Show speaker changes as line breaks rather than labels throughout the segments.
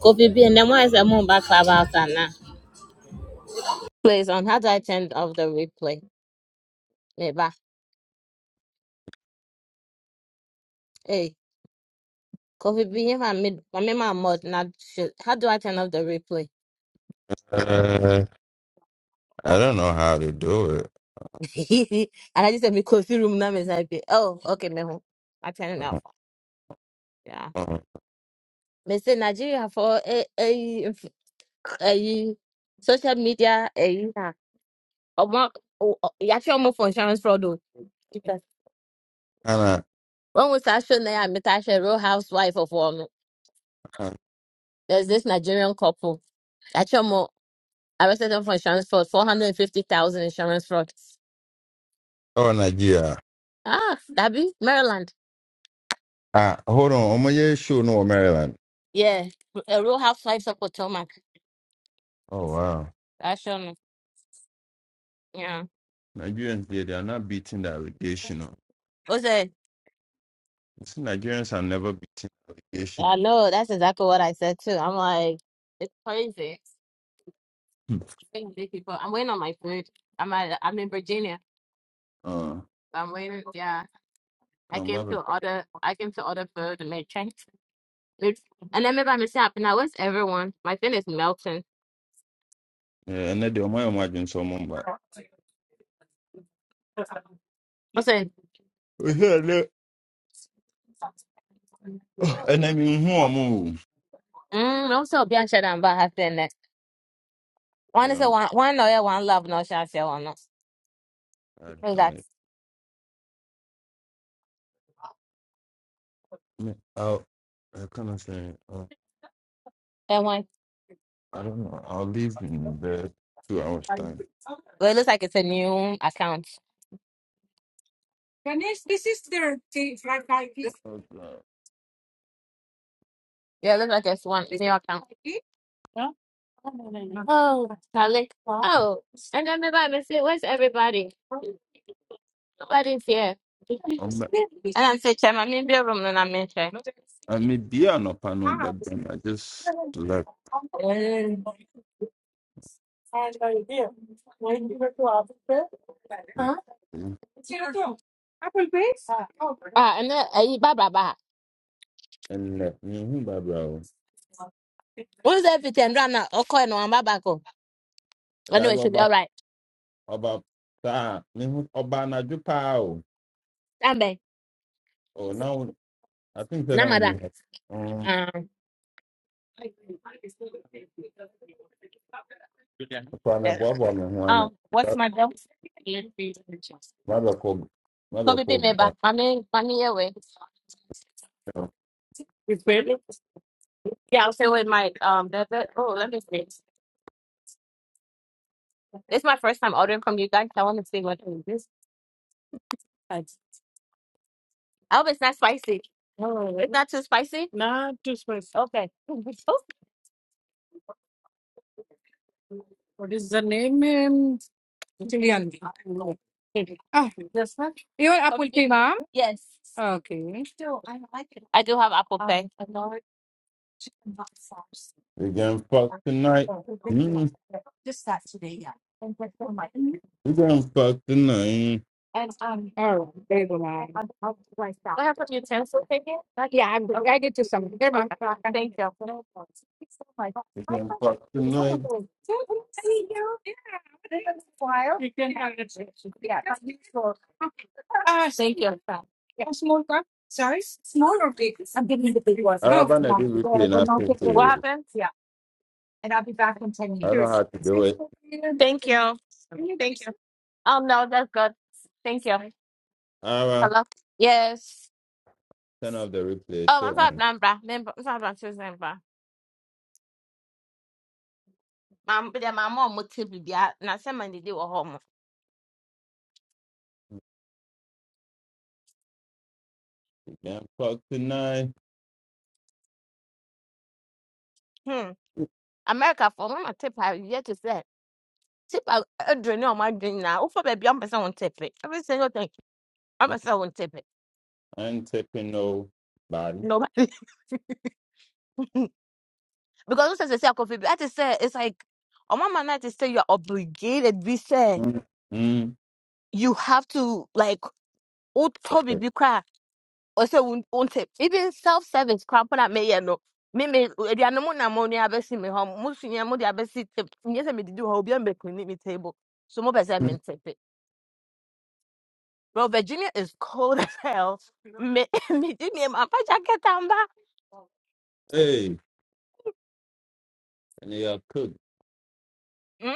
Kofi B, and then why is that moon back clubhouse and now? Please, on how do I turn off the replay? Neighbor, hey, Kofi B, if I made, I made my mod, now, shit, how do I turn off the replay?
Uh, I don't know how to do it.
and I just said, me Kofi room now, Miss IP. Oh, okay, me ho. I turn it off. Yeah.
Um,
Me say Nigeria for a a a social media a yeah. Omo, you actually almost for insurance fraud. oh. Because
kinda,
When we start showing that I'm a real housewife of one, there's this Nigerian couple. Arrested them for insurance fraud, 450,000 insurance fraud.
oh, Nigeria.
Ah, that be Maryland.
Ah, hold on. I'm gonna show no Maryland.
Yeah, a real housewives of Potomac.
Oh wow,
That's on, yeah.
Nigerians they, they are not beating the allegation. oh.
What's it?
You see, Nigerians are never beating the allegation.
I know, that's exactly what I said too. I'm like, it's crazy.
Hmm.
It's crazy people. I'm waiting on my food. I'm at, I'm in Virginia.
Uh,
I'm waiting. Yeah, I
come
came
back.
to order. I came to order food and make change, It's- And then maybe I mishap. Now where's everyone? My thing is melting.
Yeah, and then they might imagine someone, but
What's it?
we hear that. And I mean, who am
Mm, I'm so bien, I'm about half there. One
I?
is a
Um,
one one no yeah, one love no shall say one no.
I
Who's that?
don't. know. I'll, I kind say, uh,
And one
I don't know. I'll leave in bed two hours
well
time.
it looks like it's a new account. Yeah,
Oh
it looks like it's one new account. Oh Charlie. Oh. And everybody I say, where's everybody? Nobody's here. And
Okay.
I'm saying chairman, I'm in the room and I'm in chair.
I may be an a but then I just left
Huh?
mm,
Ah, and then eh, bye ba bye.
and left. Mm-hmm, bro.
Who's everything? Rana, okay, no, I'm back. oh.
I
Anyway,
go
should be all
about
right.
about that. Mm-hmm, about na jupa
Nambe,
Oh, now I think that
Namada.
only. Um,
Um,
so na
eh,
bo bo me ho ano.
um, what's my bill?
Mother call, mother
Kobe be
call
me
back.
back. Money, money away. Yeah, I'll say with my um. The, the, oh, let me see. This is my first time ordering from you guys. I want to see what it is. I hope it's not spicy. Oh, it's not too spicy. Not too spicy. Okay. What is the name in Chilean? No. Ah, this one. You your Apple Okay. Pay, ma'am? Yes. Okay. Still, I like it. I do have Apple pie. Um, a large-
We can fuck tonight. hmm
Just yeah.
We can fuck tonight.
There you go, ma'am. What happened to your utensil thing? Yeah, I'm, I get you some. There, ma'am. Okay. Thank you.
We can fuck tonight.
You can have it. Yeah. Ah, Thank you. Yeah. Small cup? Sorry? Small or big? I'm getting the big one. Oh.
Araba na
Yeah.
do
The,
replay
the
na
not
so
big one. What
so.
happened? Yeah. And I'll be back in 10
I don't know
minutes.
how to do it.
Sure. Thank you. Thank you. Oh no, that's good. Thank you.
Araba,
Hello. Yes.
turn off the replay.
Oh, I'm
So
from
on.
Nambra. Member. I'm from Nambra. My but then my mom would tip you that. Now somebody did a home.
Yeah, clock tonight.
Hmm. America for my tip. I yet to say. Tip. I don't know my dream now. Oh, for baby, I'm person won't tip it. Every single thing. I'm
i
person won't tip it.
ain't taking no body.
Nobody. because as I say, I coffee, I just say it's like on my I just say you're obligated. We say
Mm.
you have to like oh Toby be cry or say won't won't take even self service cramp that may no. Me me the animal na money abesi me home. Most senior your money abesi tip. Yes, I me do how be on the cleaning me table. So more person meant it. Bro, Virginia is cold as hell. Me me did me my jacket and back.
Hey, and they are cooked.
Mm?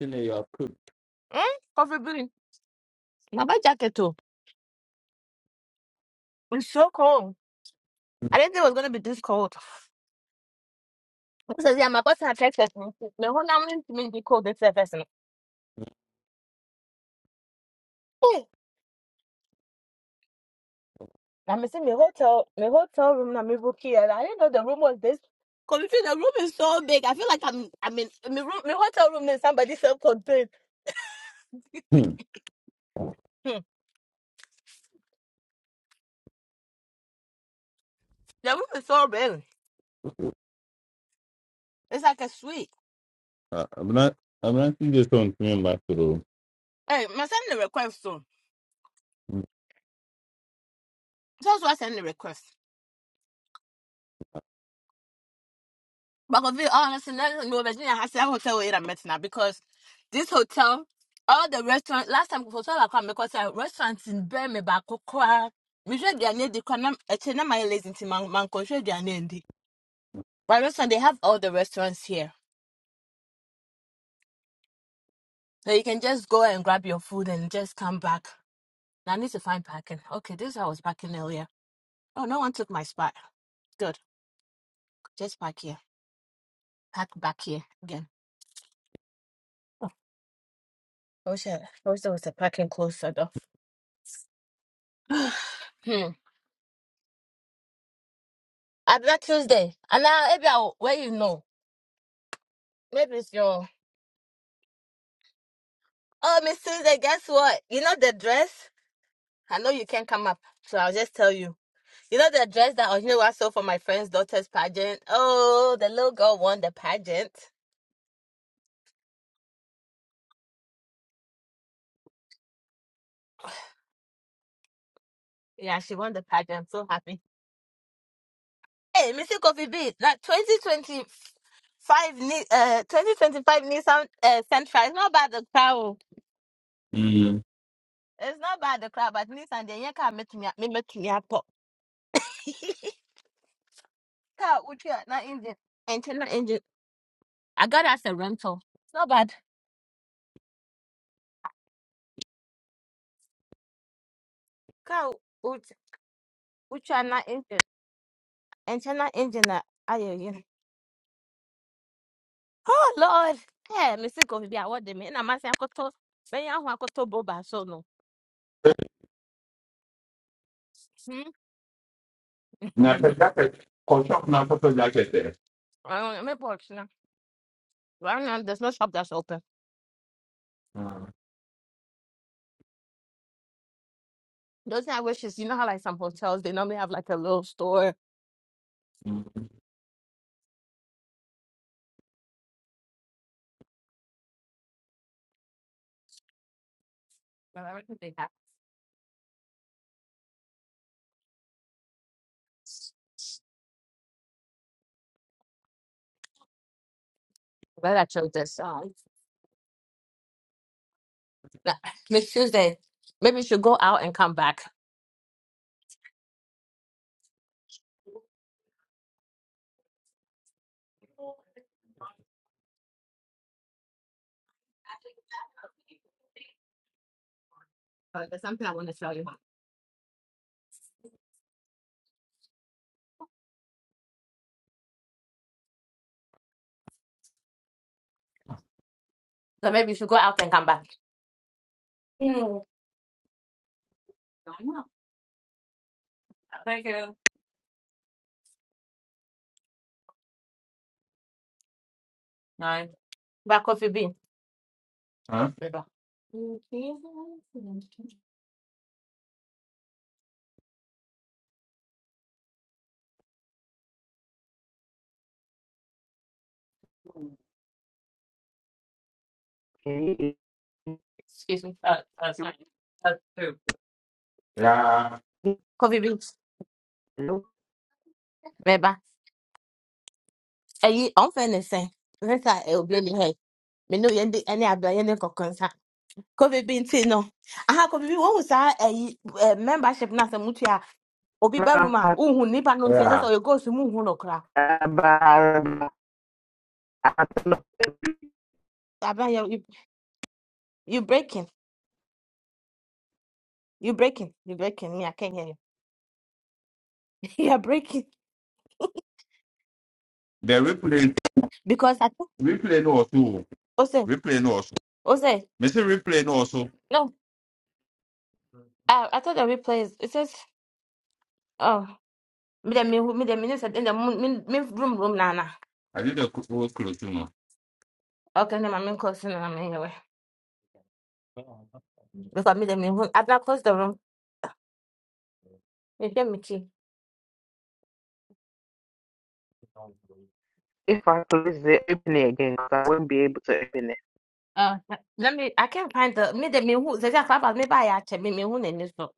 And they are cooked.
Mm? Coffee bean. My jacket too. It's so cold. I didn't think it was gonna be this cold. So yeah, my boss had texted me. Me whole now me be called this person. Hey, I me see my hotel, my hotel room. Now me book here. I didn't know the room was this. Confused. The room is so big. I feel like I'm. I mean, my room, my hotel room is somebody self-contained.
Hmm.
Hmm. The room is so big. It's like a suite.
Uh, I'm not. I'm not just on coming back to
Hey, my send the request soon.
the.
Just what send the request. Because we honestly, let no Virginia has a hotel where I'm now because this hotel, all the restaurant last time hotel I come because I restaurants in Burma back we should their name the canam echena my lazy to man man their name the but restaurant they have all the restaurants here. So you can just go and grab your food and just come back. Now I need to find parking. Okay, this is how I was parking earlier. Oh no one took my spot. Good. Just park here. Park back here again. I wish I, I wish there was a parking closer though. hmm. I bet Tuesday. And now maybe I'll where you know. Maybe it's your Oh Miss Tuesday, guess what? You know the dress? I know you can't come up, so I'll just tell you. You know the dress that Ohinewa sold for my friend's daughter's pageant? Oh, the little girl won the pageant. Yeah, she won the pageant. I'm so happy. Hey, Mr. Coffee B, that 2025 Ni- uh 2025 Nissan uh Sentra. It's not bad the crowd.
Mm.
It's not bad the crowd, but Nissan they can't make me me make me up. Car would you not engine? Engine not engine. I got as a rental. It's not bad. Car would which are not engine. Engine not engine that I you. Oh Lord. Hey, Mr. Kofi, I want them. And I'm asking Akoto. Ben ya hu Akoto boba so no. Hmm.
Now, jacket. Construct now, photo jacket there.
I don't know. Box now. Right now, there's no shop that's open.
Mm.
Those are wishes. You know how like some hotels they normally have like a little store.
Mm.
Well, I don't think they have. But I chose this. Um, nah, Miss Tuesday, maybe you should go out and come back. But there's something I want to tell you. So maybe you should go out and come back. Mm. Thank you. No. Back coffee bean.
Huh?
River.
ini
Excuse me. Uh, uh, sorry. Uh,
Yeah,
coffee beans.
no
River. Hey, I'm finna say. Rita, it will be any hey. Me know yendi any abla yendi kokonsa. Coffee bean tea no. Aha coffee bean. When we say hey membership na se mutu ya. Obi ba room
about
Uhu nipa no ntse se
yeah.
so you go to mu hu no kra.
I don't know
Abla you you you breaking. You're breaking. You're breaking. Me, I can't hear you. You're breaking
The replay,
because I think.
replay no also,
Ose,
replay no also.
Ose,
Me say replay no also.
no. I I thought the replay is. It says, oh, me the me me the minute in the moon me me room room na na.
I did a whole close, you know.
Okay, then I'm in closing and I'm anyway. Because me the me who I not close the room. You hear me key.
if I close the opening again, 'cause I won't be able to open it.
Uh, let me. I can't find the me the me who. There's a club. Me buy a check. Me me who in this.